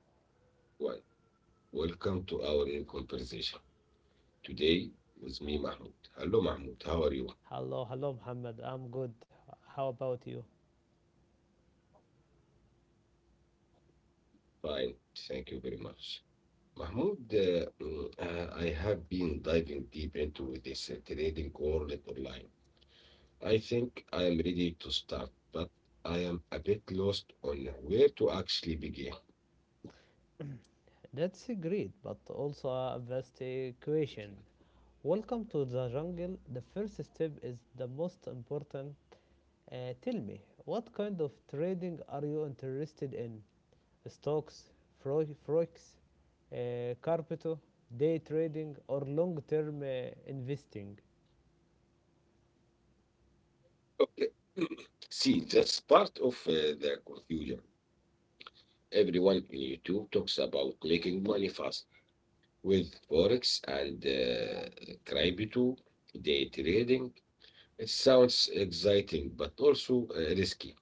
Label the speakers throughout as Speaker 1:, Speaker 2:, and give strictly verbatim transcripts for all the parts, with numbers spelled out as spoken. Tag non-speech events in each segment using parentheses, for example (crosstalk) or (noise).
Speaker 1: Everyone. Welcome to our new conversation. Today with me, Mahmoud. Hello, Mahmoud. How are you?
Speaker 2: Hello, hello, Muhammad. I'm good. How about you?
Speaker 1: Fine. Thank you very much. Mahmoud, uh, mm, uh, I have been diving deep into this uh, trading world online. I think I am ready to start, but I am a bit lost on where to actually begin.
Speaker 2: That's great, but also a vast question. Welcome to the jungle. The first step is the most important. Uh, tell me, what kind of trading are you interested in? Stocks, fro- forex, uh, crypto, day trading, or long-term uh, investing?
Speaker 1: Okay. See, that's part of uh, the confusion. Everyone in YouTube talks about making money fast, with Forex and uh, crypto day trading. It sounds exciting, but also uh, risky.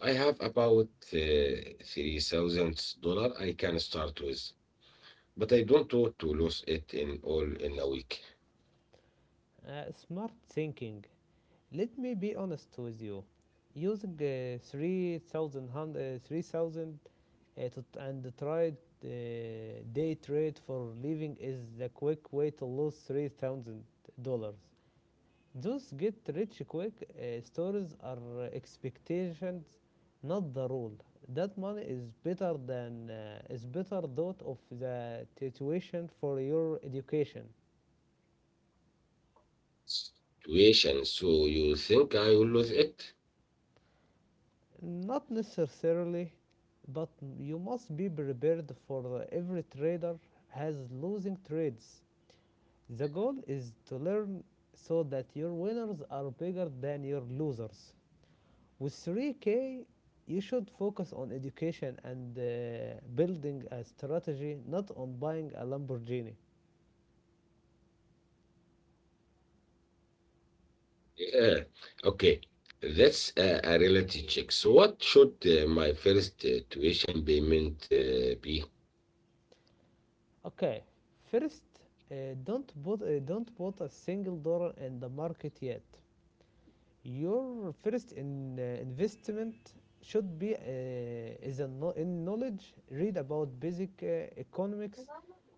Speaker 1: I have about uh, three thousand dollars I can start with, but I don't want to lose it in all in a week
Speaker 2: Uh, smart thinking. Let me be honest with you using uh, uh, three thousand uh, to, and tried uh, day trade for living is the quick way to lose three thousand dollars. Those get rich quick uh, stories are expectations, not the rule. That money is better than uh, is better thought of the tuition for your education.
Speaker 1: situation. So you think I will lose it?
Speaker 2: Not necessarily, but you must be prepared. For every trader has losing trades. The goal is to learn so that your winners are bigger than your losers. With three K, you should focus on education and uh, building a strategy, not on buying a Lamborghini.
Speaker 1: Yeah. Okay. That's a, a reality check. So what should uh, my first uh, tuition payment uh, be?
Speaker 2: Okay, first, uh, don't put uh, don't put a single dollar in the market yet. Your first in, uh, investment should be uh, is a kno- in knowledge. Read about basic uh, economics,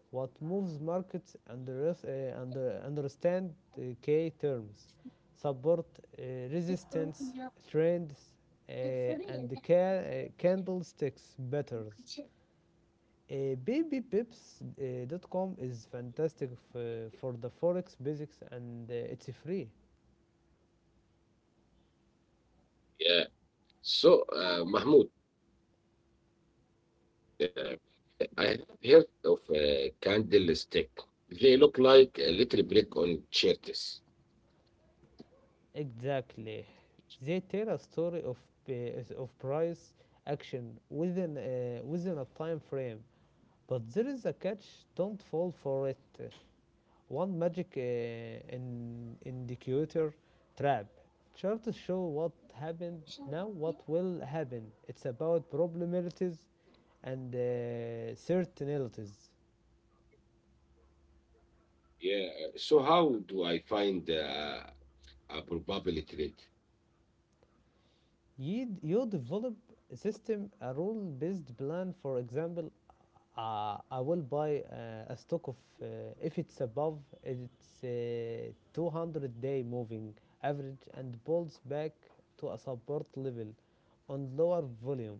Speaker 2: what moves markets, and uh, under understand uh, key terms, support, uh, resistance, trends, uh, and the ca- uh, candlesticks betters. Uh, babypips dot com is fantastic f- uh, for the forex basics, and uh, it's free.
Speaker 1: So, uh, Mahmoud, uh, uh, I have heard of uh, candlestick. They look like a little brick on shirts.
Speaker 2: Exactly. They tell a story of, uh, of price action within, uh, within a time frame, but there is a catch, don't fall for it. One magic uh, in indicator trap. Charts show what happened now, what will happen. It's about probabilities and uh, certainties.
Speaker 1: Yeah. So, how do I find uh, a probability rate?
Speaker 2: You, you develop a system, a rule based plan. For example, uh, I will buy uh, a stock of, uh, if it's above its uh, two hundred day moving average and pulls back to a support level on lower volume.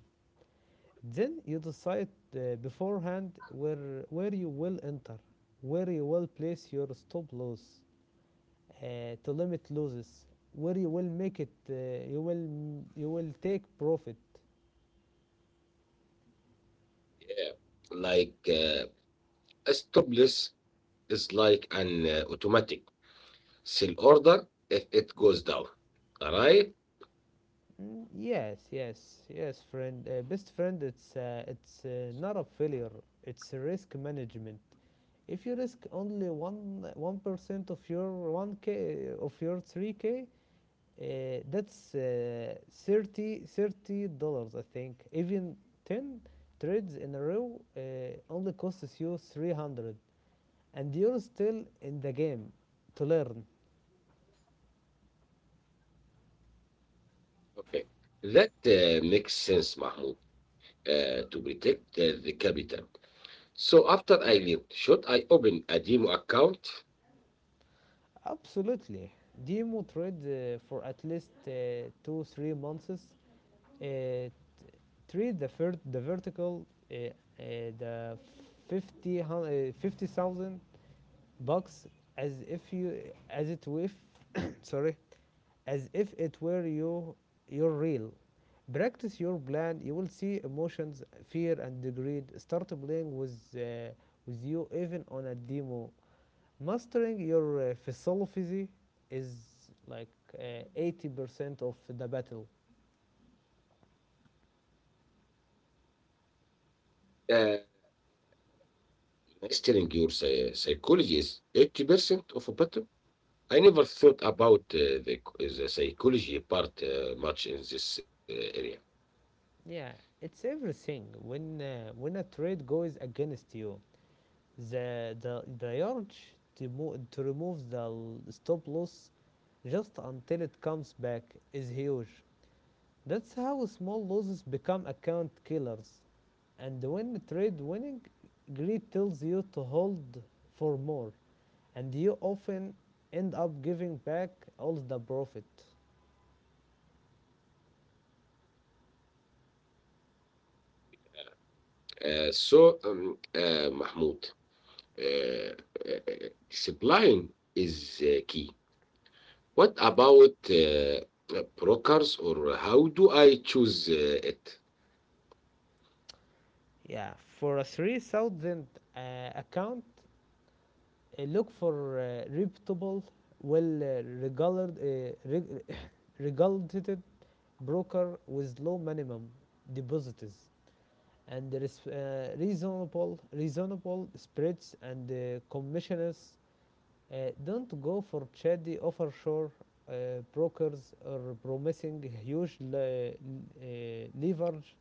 Speaker 2: Then you decide uh, beforehand where where you will enter, where you will place your stop loss uh, to limit losses, where you will make it, uh, you will you will take profit.
Speaker 1: Yeah. Like uh, a stop loss is like an uh, automatic sell order, it, it goes down. All right.
Speaker 2: Mm, yes, yes, yes, friend. Uh, best friend, it's uh, it's uh, not a failure. It's a risk management. If you risk only one one percent of your one k of your three k, Uh, that's uh, thirty dollars, I think. Even ten trades in a row uh, only costs you three hundred, and you're still in the game to learn.
Speaker 1: Okay. That uh, makes sense, Mahmoud, uh, to protect uh, the capital. So after I leave, should I open a demo account?
Speaker 2: Absolutely. Demo trade uh, for at least uh, two, three months. Uh, trade the, vert- the vertical, uh, uh, the fifty, uh, fifty thousand bucks as if you, as it with (coughs) sorry, as if it were you, your real. Practice your plan. You will see emotions, fear, and greed start playing with, uh, with you even on a demo. Mastering your uh, philosophy is like uh, eighty percent uh, of the battle.
Speaker 1: Uh, is your psy- psychology is eighty percent of a button? I never thought about uh, the, the psychology part uh, much in this uh, area.
Speaker 2: Yeah, it's everything. When uh, when a trade goes against you, the the the urge to mo- to remove the stop loss just until it comes back is huge. That's how small losses become account killers. And when trade winning, greed tells you to hold for more, and you often end up giving back all the profit.
Speaker 1: Uh, so, um, uh, Mahmoud, uh, uh, uh, discipline is uh, key. What about uh, uh, brokers, or how do I choose uh, it?
Speaker 2: Yeah, for a three thousand uh, account, uh, look for uh, reputable, well uh, regarded, uh, reg- (laughs) regulated broker with low minimum deposits. And there is uh, reasonable, reasonable spreads and uh, commissioners. Uh, don't go for shady offshore uh, brokers or promising huge le- uh, leverage.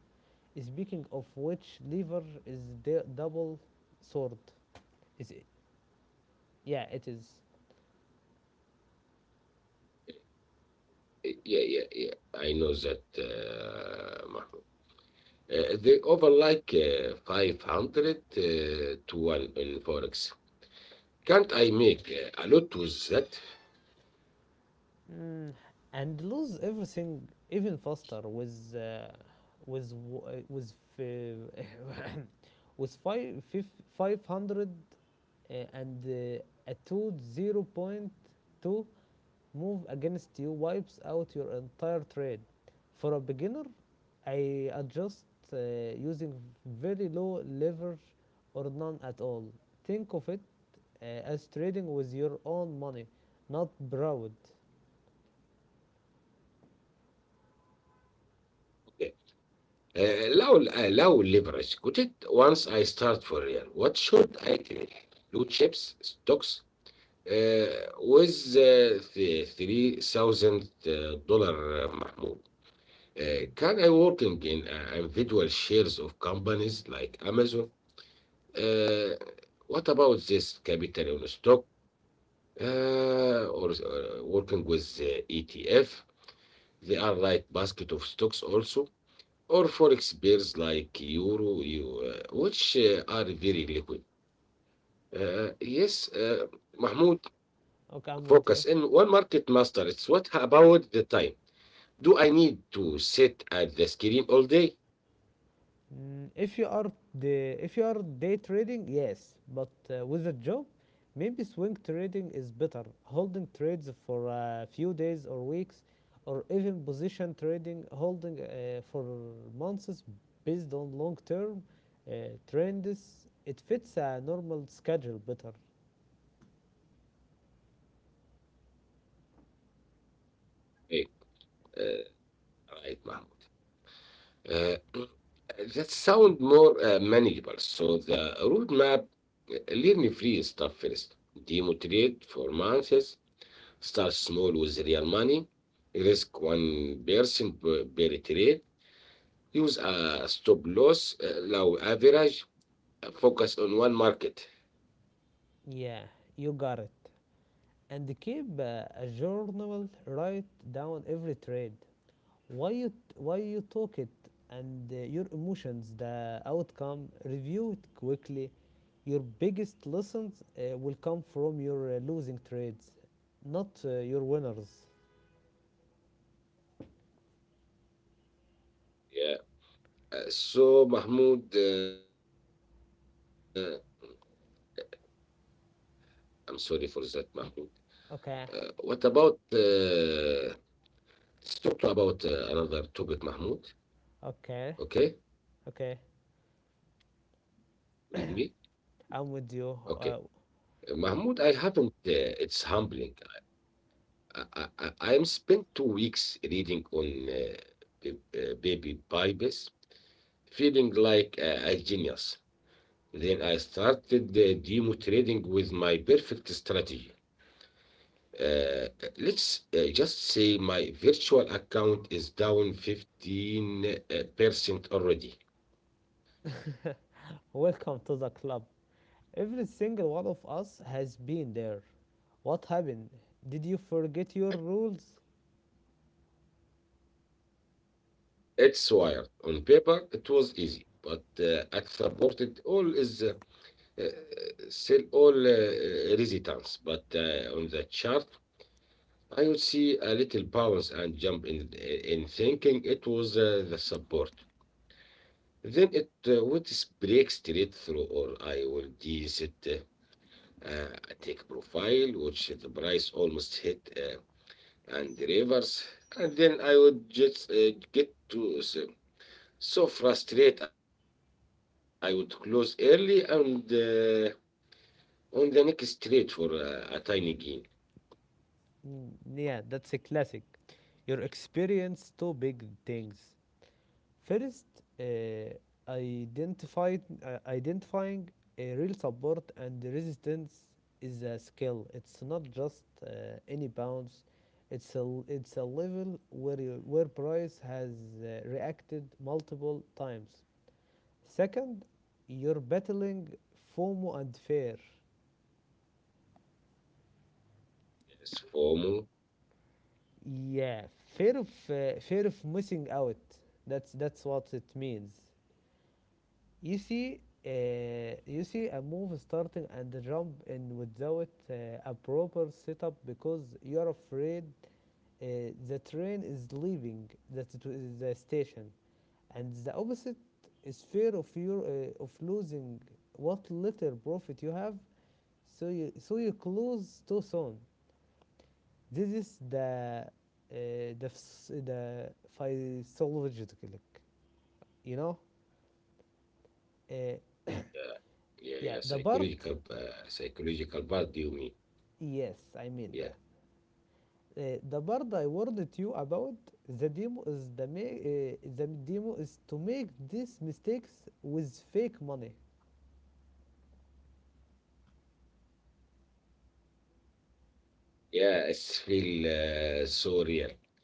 Speaker 2: Speaking of which, leverage is the double sword. Is it? Yeah, it is.
Speaker 1: Uh, Yeah, yeah, yeah. I know that, uh, Mahmoud.
Speaker 2: Mm.
Speaker 1: Uh, They over like uh, five hundred uh, to one in Forex. Can't I make uh, a lot with that?
Speaker 2: Mm, and lose everything even faster with uh, with w- uh, with fi- (laughs) (coughs) with five five hundred uh, and uh, a two zero point two move against you wipes out your entire trade. For a beginner, I adjust uh, using very low leverage or none at all. Think of it uh, as trading with your own money, not borrowed.
Speaker 1: Uh, لو uh, لو leverage. Could it once I start for real, what should I take? Blue chips, stocks, uh, with uh, th- three thousand dollars, uh, Mahmoud. Uh,
Speaker 2: Mm.
Speaker 1: can I working in uh, individual shares of companies like Amazon? Uh, what about this capital on stock uh, or uh, working with uh, E T F. They are like basket of stocks also, or forex pairs like euro, you, uh, which uh, are very liquid. Uh, yes, uh, Mahmoud,
Speaker 2: Okay, I'm with you.
Speaker 1: focus in one market master. It's what about the time? Do I need to sit at the screen all day?
Speaker 2: Mm, If you are the if you are day trading, yes, but uh, with a job, maybe swing trading is better. Holding trades for a few days or weeks, or even position trading, holding uh, for months based on long-term uh, trends. It fits a normal schedule better.
Speaker 1: Hey, uh, right, Mahmoud. Uh, (clears throat) that sound more uh, manageable. So the roadmap, uh, learn free stuff first. Demo trade for months. Start small with real money. Risk one person per per trade. Use a stop loss, uh, low average. Uh, Focus on one market.
Speaker 2: Yeah, you got it. And keep uh, a journal, write down every trade. why you why you talk it, and uh, your emotions, the outcome. Review it quickly. Your biggest lessons uh, will come from your uh, losing trades, not uh, your winners.
Speaker 1: Yeah. Uh, So, Mahmoud, uh, I'm sorry for that, Mahmoud. Uh, what about,
Speaker 2: Okay,
Speaker 1: uh, let's talk to about uh, another topic, Mahmoud, okay,
Speaker 2: okay, okay,
Speaker 1: with me? Okay.
Speaker 2: I'm with you.
Speaker 1: Uh,
Speaker 2: Uh,
Speaker 1: Mahmoud, I haven't, uh, it's humbling. I, I, I I am spent two weeks reading on uh, b- uh, baby Bibles, feeling like uh, a genius. Then I started uh, demo trading with my perfect strategy. Uh, let's uh, just say my virtual account is down fifteen percent already.
Speaker 2: welcome to the club. Every single one of us has been there. What happened? Did you forget your rules?
Speaker 1: It's wired. On paper, it was easy, but uh, at supported, all is uh, uh, sell all uh, uh, resistance. But uh, on the chart, I would see a little bounce and jump in, uh, in thinking it was uh, the support. Then it uh, would break straight through, or I will deset uh, Uh, I take profile, which the price almost hit uh, and reverse, and then I would just uh, get to so, so frustrated. I would close early and uh, on the next trade for uh, a tiny gain.
Speaker 2: Mm, yeah, that's a classic. Your experience two big things. First, uh, identified, uh, identifying a real support and resistance is a skill. It's not just uh, any bounce. It's a it's a level where you, where price has uh, reacted multiple times. Second, you're battling FOMO and fear.
Speaker 1: Yes,
Speaker 2: Yeah,
Speaker 1: FOMO.
Speaker 2: fear of uh, fear of missing out. That's that's what it means. You see, uh, you see a move starting and the jump in without uh, a proper setup because you're afraid uh, the train is leaving the, the station, and the opposite is fear of your uh, of losing what little profit you have. So you so you close too soon. This is the uh, the phys- the physiological, you know. Uh, yeah,
Speaker 1: Yeah,
Speaker 2: the part.
Speaker 1: yeah, yeah. Psychological, uh, psychological part. Do you
Speaker 2: Yes,
Speaker 1: mean?
Speaker 2: I mean that.
Speaker 1: Yeah,
Speaker 2: Uh, the part I warned you about, the demo is the ma- uh, the demo is to make these mistakes with fake money.
Speaker 1: yeah. It's feel uh, so real.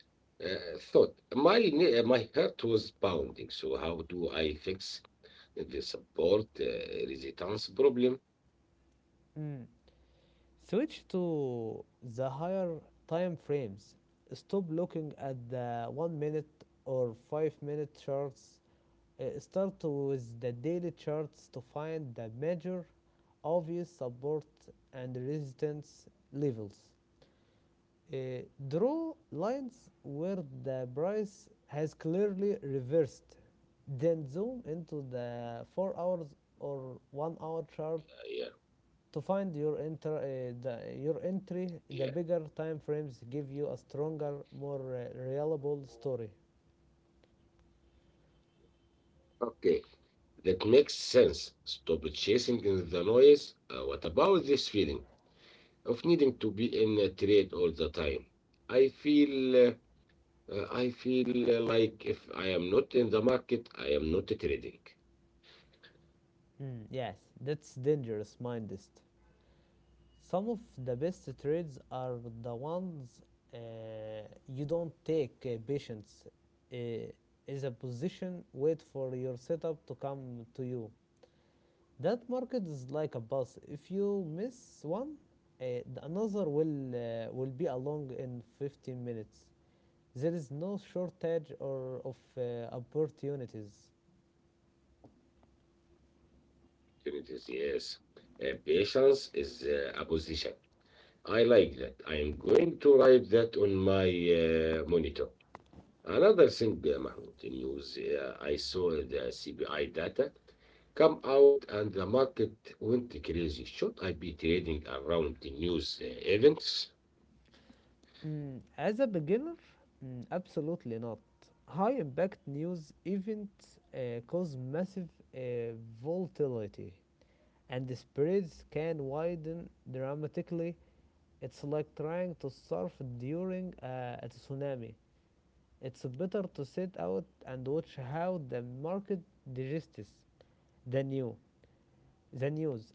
Speaker 1: Uh, thought my ne- uh, my heart was pounding. So how do I fix the support uh, resistance problem?
Speaker 2: Mm. Switch to the higher time frames. Stop looking at the one minute or five minute charts. Uh, start with the daily charts to find the major, obvious support and resistance levels. Uh, Draw lines where the price has clearly reversed, then zoom into the four hours or one hour chart
Speaker 1: Uh, yeah,
Speaker 2: to find your enter uh, the, your entry. The
Speaker 1: yeah.
Speaker 2: bigger time frames give you a stronger, more uh, reliable story.
Speaker 1: Okay, that makes sense. Stop chasing in the noise. Uh, what about this feeling of needing to be in a trade all the time? I feel uh, uh, I feel uh, like if I am not in the market, I am not trading.
Speaker 2: Mm, yes, that's dangerous, mindist. Some of the best trades are the ones uh, you don't take. Uh, patience uh, is a position. Wait for your setup to come to you. That market is like a bus. If you miss one, uh, another will uh, will be along in fifteen minutes. There is no shortage or of uh, opportunities.
Speaker 1: Opportunities, yes. Uh, patience is uh, a position. I like that. I am going to write that on my uh, monitor. Another thing, uh, Mahmoud, in news, uh, I saw the C P I data come out and the market went crazy. Should I be trading around the news uh, events?
Speaker 2: Mm, as a beginner, mm, absolutely not. High impact news events uh, cause massive uh, volatility, and the spreads can widen dramatically. It's like trying to surf during uh, a tsunami. It's better to sit out and watch how the market digests the new the news.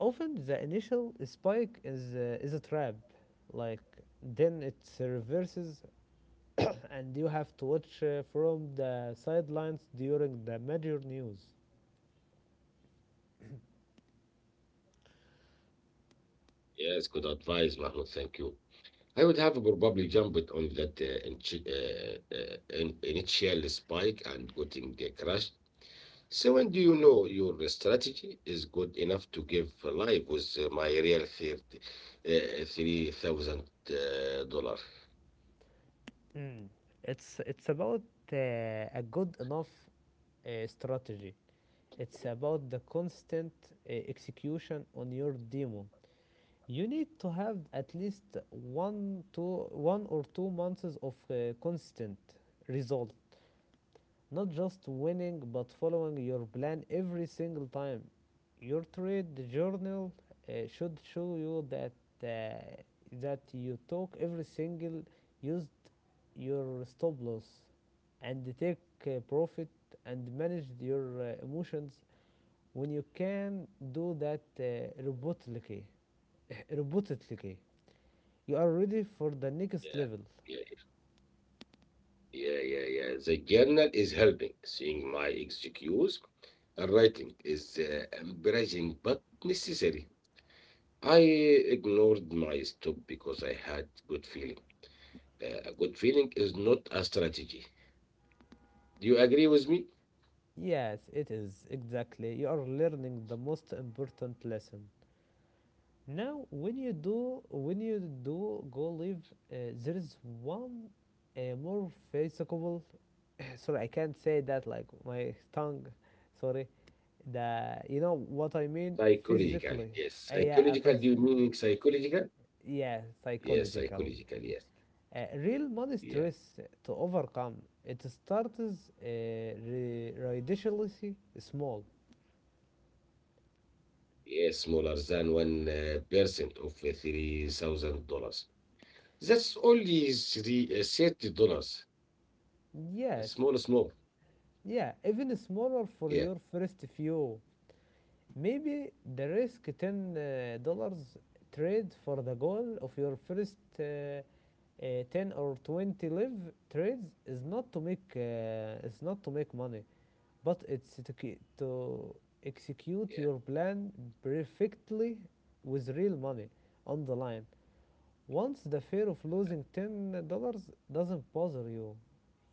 Speaker 2: Often, the initial spike is uh, is a trap, like then it reverses, and you have to watch uh, from the sidelines during the major news.
Speaker 1: Yes, good advice, Mahmoud. Thank you. I would have probably jumped on that uh, inch- uh, uh, in- initial spike and gotten the crash. So when do you know your strategy is good enough to give life with uh, my real third, uh, three thousand uh,
Speaker 2: Mm. It's it's about uh, a good enough uh, strategy. It's about the constant uh, execution on your demo. You need to have at least one two one or two months of uh, constant result. Not just winning, but following your plan every single time. Your trade journal uh, should show you that uh, that you took every single use your stop loss and take uh, profit and manage your uh, emotions. When you can do that uh, robotically robotically, you are ready for the next
Speaker 1: yeah,
Speaker 2: level.
Speaker 1: yeah, yeah, yeah, yeah. The journal is helping. Seeing my excuse, and writing is uh, embarrassing but necessary. I ignored my stop because I had good feeling. Uh, good feeling is not a strategy. Do you agree with me?
Speaker 2: Yes, it is, exactly. You are learning the most important lesson. Now, when you do when you do go live, uh, there is one uh, more physical. (coughs) (sighs) sorry, I can't say that like my tongue. Sorry, the, you know what I mean,
Speaker 1: Psychological.
Speaker 2: physically.
Speaker 1: Yes.
Speaker 2: Uh, yeah, uh,
Speaker 1: Psychological. Do
Speaker 2: phys-
Speaker 1: you mean psychological?
Speaker 2: yeah,
Speaker 1: Yes,
Speaker 2: psychological.
Speaker 1: psychological. Yes.
Speaker 2: Uh, real money
Speaker 1: Yeah.
Speaker 2: stress to overcome. It starts uh, ri- ridiculously small.
Speaker 1: Yes, smaller than one uh, percent of uh, three thousand dollars. That's only three uh, thirty dollars.
Speaker 2: Yes,
Speaker 1: A small, small.
Speaker 2: yeah, even smaller for your
Speaker 1: Yeah,
Speaker 2: first few. Maybe the risk ten dollars uh, dollars trade. For the goal of your first uh, uh, ten or twenty live trades is not to make uh, is not to make money, but it's to, to execute
Speaker 1: yeah,
Speaker 2: your plan perfectly with real money on the line. Once the fear of losing $10 dollars doesn't bother you,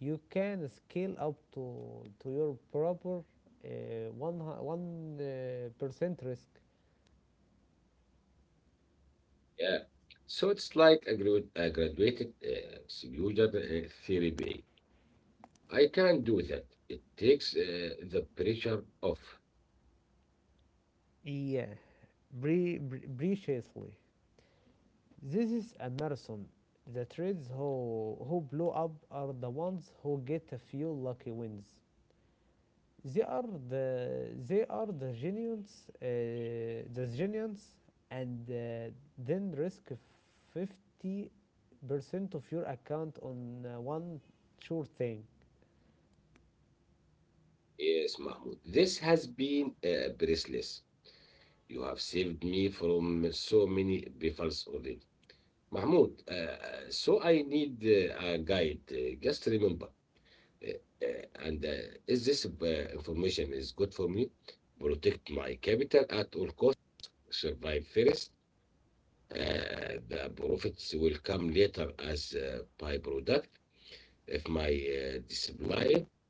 Speaker 2: you can scale up to to your proper uh, one one uh, percent risk.
Speaker 1: yeah. So it's like a, grad- a graduated uh, user uh, therapy. I can't do that. It takes uh, the pressure off.
Speaker 2: Yeah, bri- bri- preciously. This is a marathon. The trades who, who blow up are the ones who get a few lucky wins. They are the they are the genius, uh, the genius, and uh, then risk fifty percent of your account on uh, one sure thing.
Speaker 1: Yes, Mahmoud. This has been uh, priceless. You have saved me from so many pitfalls already. Mahmoud, uh, uh, so I need uh, a guide. Uh, just remember, uh, uh, and uh, is this uh, information is good for me? Protect my capital at all costs. Survive first. Uh, the profits will come later as uh, byproduct if my uh, display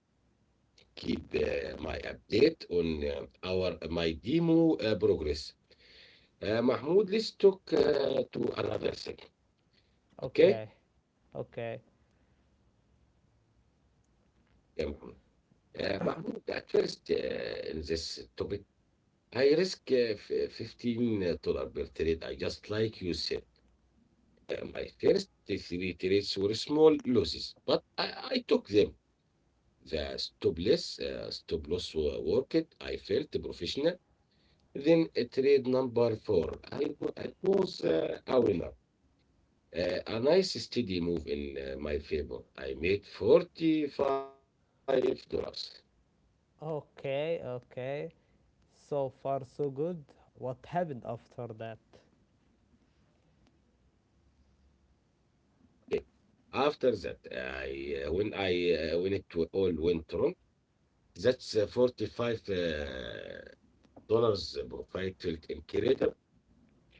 Speaker 1: keep uh, my update on uh, our uh, my demo uh, progress. Uh, Mahmoud, let's talk uh, to another thing. Okay?
Speaker 2: Okay, okay,
Speaker 1: Yeah, Mahmoud. Uh, Mahmoud, at first, uh, in this topic, I risk uh, f- fifteen dollars per trade. I just like you said. Uh, my first three trades were small losses, but I, I took them. The stop loss, uh, stop loss wo- worked. I felt professional. Then uh, trade number four. I, wa- I was uh, a winner. Uh, a nice steady move in uh, my favor. I made forty-five dollars.
Speaker 2: okay, okay. So far so good. What happened after that?
Speaker 1: Okay. After that, uh, I uh, when I uh, when it wa- all went wrong, that's uh, forty-five uh, dollars profit in creator.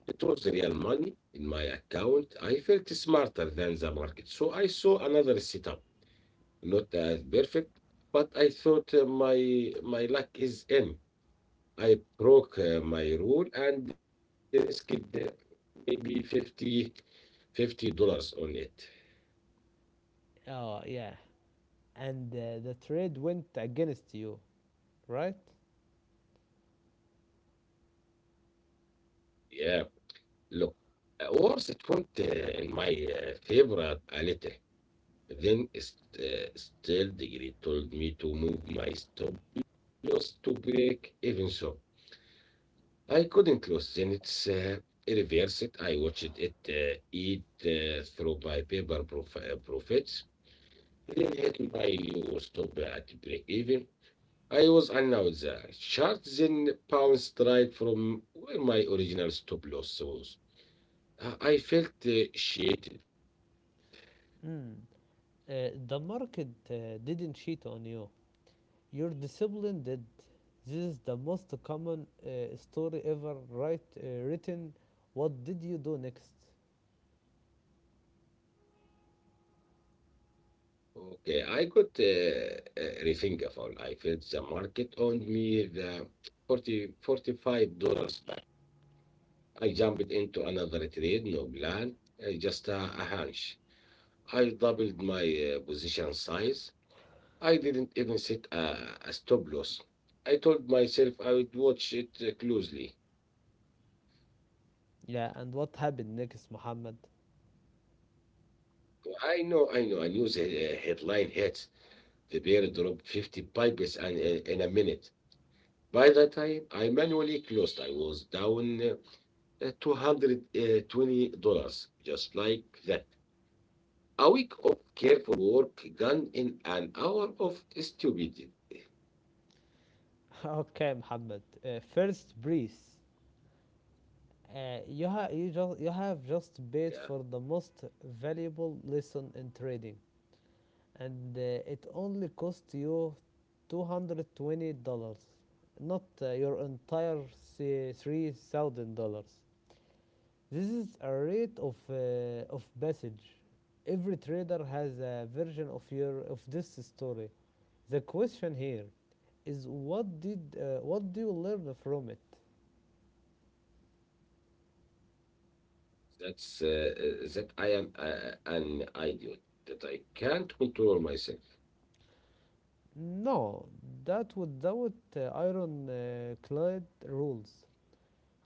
Speaker 1: It was real money in my account. I felt smarter than the market, so I saw another setup. Not as perfect, but I thought uh, my my luck is in. I broke uh, my rule and risked uh, maybe fifty fifty dollars on it.
Speaker 2: Oh yeah. And uh, the trade went against you, right?
Speaker 1: Yeah, look, uh, worse it went uh, in my uh, favorite a little. Then st- uh, still the degree told me to move my stop loss to break even, so I couldn't lose, then it's uh, reversed. I watched it uh, eat uh, through my paper prof- uh, profits. Then hit my stop at break even. I was announced the sharp then bounced right from where my original stop loss was. Uh, I felt uh, cheated.
Speaker 2: Mm. Uh, the market uh, didn't cheat on you. Your discipline did. This is the most common uh, story ever right, uh, written. What did you do next?
Speaker 1: Okay, I got uh, uh, refingable. I felt the market owned me the forty forty five dollars. I jumped into another trade, no plan, uh, just a, a hunch. I doubled my uh, position size. I didn't even set a, a stop loss. I told myself I would watch it uh, closely.
Speaker 2: Yeah, and what happened next, Muhammad?
Speaker 1: I know, I know, I knew the uh, headline hit. The bear dropped fifty pipes and, uh, in a minute. By that time, I manually closed. I was down uh, two hundred twenty dollars just like that. A week of careful work gone in an hour of stupidity.
Speaker 2: (laughs) Okay, Muhammad. Uh, first breeze. Uh, you, ha- you, just, you
Speaker 1: Yeah,
Speaker 2: have just paid for the most valuable lesson in trading. And uh, it only cost you two hundred twenty dollars not uh, your entire three thousand dollars. This is a rate of, uh, of passage. Every trader has a version of your of this story. The question here is what did uh, what do you learn from it?
Speaker 1: that's uh, uh, that I am uh, an idiot, that I can't control myself.
Speaker 2: No, that without uh, iron uh, clad rules.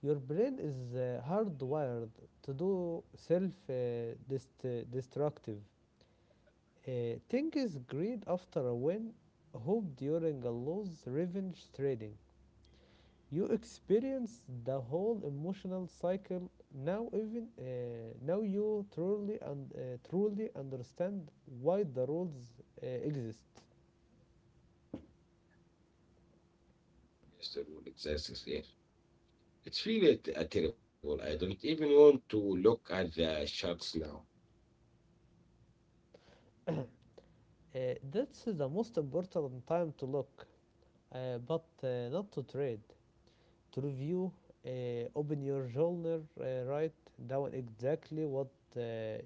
Speaker 2: Your brain is uh, hardwired to do self uh, dest- destructive uh, things: greed after a win, hope during a loss, revenge trading. You experience the whole emotional cycle now, even uh, now you truly and uh, truly understand why the rules uh, exist.
Speaker 1: Yes, the rule exists here. It's really a, t- a terrible. I don't even want to look at the sharks now.
Speaker 2: Uh, that's the most important time to look, uh, but uh, not to trade. To review, uh, open your journal, uh, write down exactly what uh,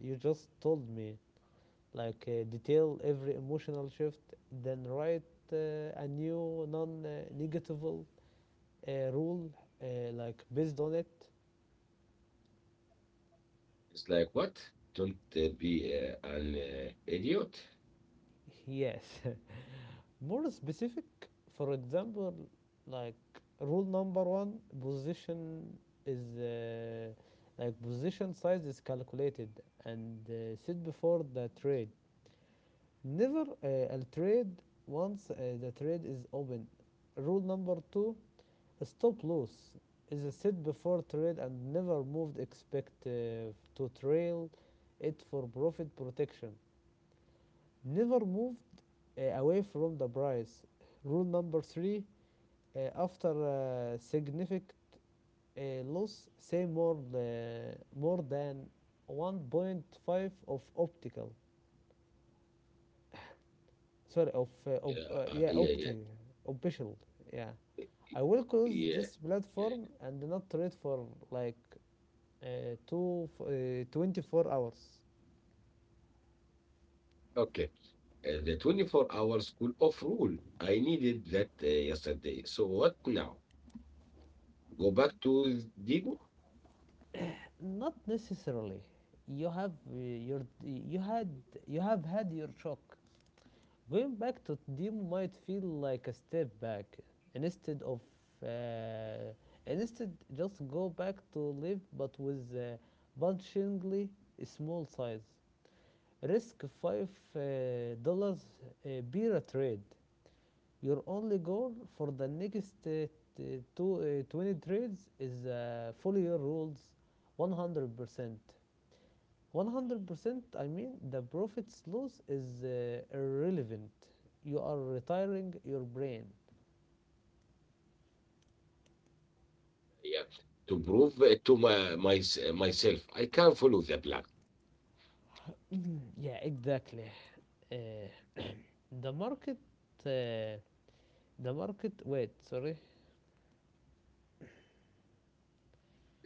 Speaker 2: you just told me, like uh, detail every emotional shift, then write uh, a new non negatable uh, rule, uh, like based on it.
Speaker 1: It's like, what? Don't uh, be uh, an uh, idiot.
Speaker 2: Yes, (laughs) more specific, for example, like rule number one, position is uh, like position size is calculated and uh, set before the trade. Never uh, a trade once uh, the trade is open. Rule number two: stop loss is a set before trade and never moved. Expect uh, to trail it for profit protection. Never moved uh, away from the price. Rule number three: uh, after uh, significant uh, loss, say more uh, more than one point five of optical. Sorry, of uh, op-
Speaker 1: Yeah,
Speaker 2: uh,
Speaker 1: uh,
Speaker 2: yeah,
Speaker 1: yeah, yeah,
Speaker 2: opti, official, yeah. I will close
Speaker 1: yeah,
Speaker 2: this
Speaker 1: yeah.
Speaker 2: platform and not trade for like uh, two uh, twenty-four hours.
Speaker 1: Okay. uh, the twenty-four-hour school off rule. I needed that uh, yesterday. So what now? Go back to Debo?
Speaker 2: Not necessarily. You have uh, your you had you have had your shock. Going back to demo might feel like a step back instead of uh, instead just go back to live, but with uh, punchingly small size. Risk five uh, dollars uh, uh, beer trade. Your only goal for the next uh, t- two, uh, twenty trades is uh, follow your rules one hundred percent. one hundred percent, I mean, the profits loss is uh, irrelevant. You are retiring your brain.
Speaker 1: Yeah. To prove it to my, my myself. I can't follow the plan.
Speaker 2: Yeah, exactly. Uh, the market, uh, the market, wait, sorry.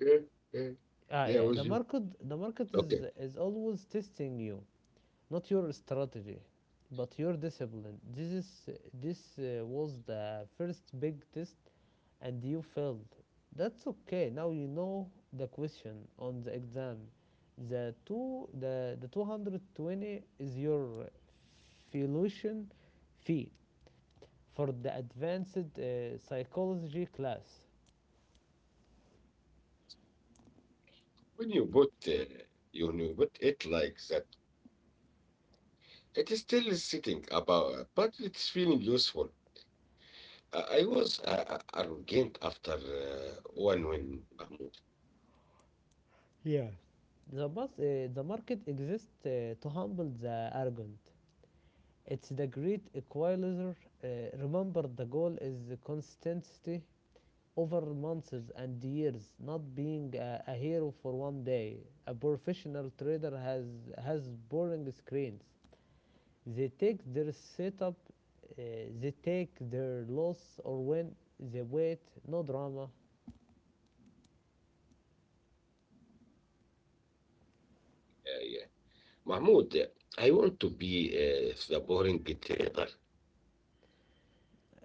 Speaker 1: Yeah, yeah,
Speaker 2: Ah,
Speaker 1: yeah,
Speaker 2: yeah, the
Speaker 1: with you.
Speaker 2: market, the market is,
Speaker 1: Okay.
Speaker 2: is always testing you. Not your strategy, but your discipline. This is this uh, was the first big test, and you failed. That's okay, now you know the question on the exam. The two the, the two hundred twenty is your tuition fee for the advanced uh, psychology class.
Speaker 1: When you put uh, you know, put it like that, it is still sitting about, but it's feeling useful. I I was uh, arrogant after uh, one win, Mahmoud.
Speaker 2: Yeah. The, bus, uh, the market exists uh, to humble the arrogant. It's the great equalizer. Uh, Remember, the goal is the consistency over months and years, not being a, a hero for one day. A professional trader has has boring screens. They take their setup, uh, they take their loss or win. They wait, no drama.
Speaker 1: Yeah, yeah. Mahmoud, uh, I want to be uh, the boring trader,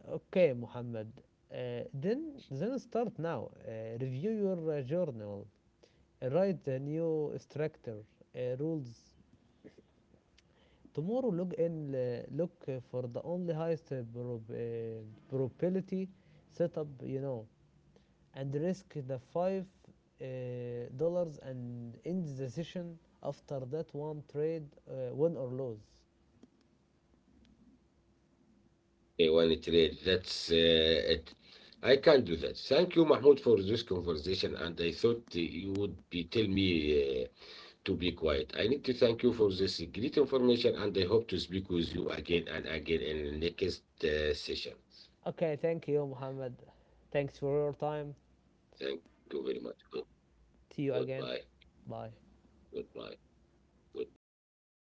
Speaker 2: Okay, Mohammed. Uh, then then start now. Uh, review your uh, journal. Uh, write the new structure uh, rules. Tomorrow log in, uh, look uh, for the only highest uh, prob- uh, probability setup you know, and risk the five uh, dollars and end the session after that one trade, uh, win or lose.
Speaker 1: uh, one trade. That's uh, it. I can do that. Thank you, Mahmoud, for this conversation. And I thought uh, you would be tell me uh, to be quiet. I need to thank you for this great information, and I hope to speak with you again and again in the next uh, session.
Speaker 2: Okay, thank you, Muhammad. Thanks for your time.
Speaker 1: Thank you very much. Good,
Speaker 2: See you
Speaker 1: goodbye.
Speaker 2: again. Bye.
Speaker 1: Goodbye. Goodbye. Bye.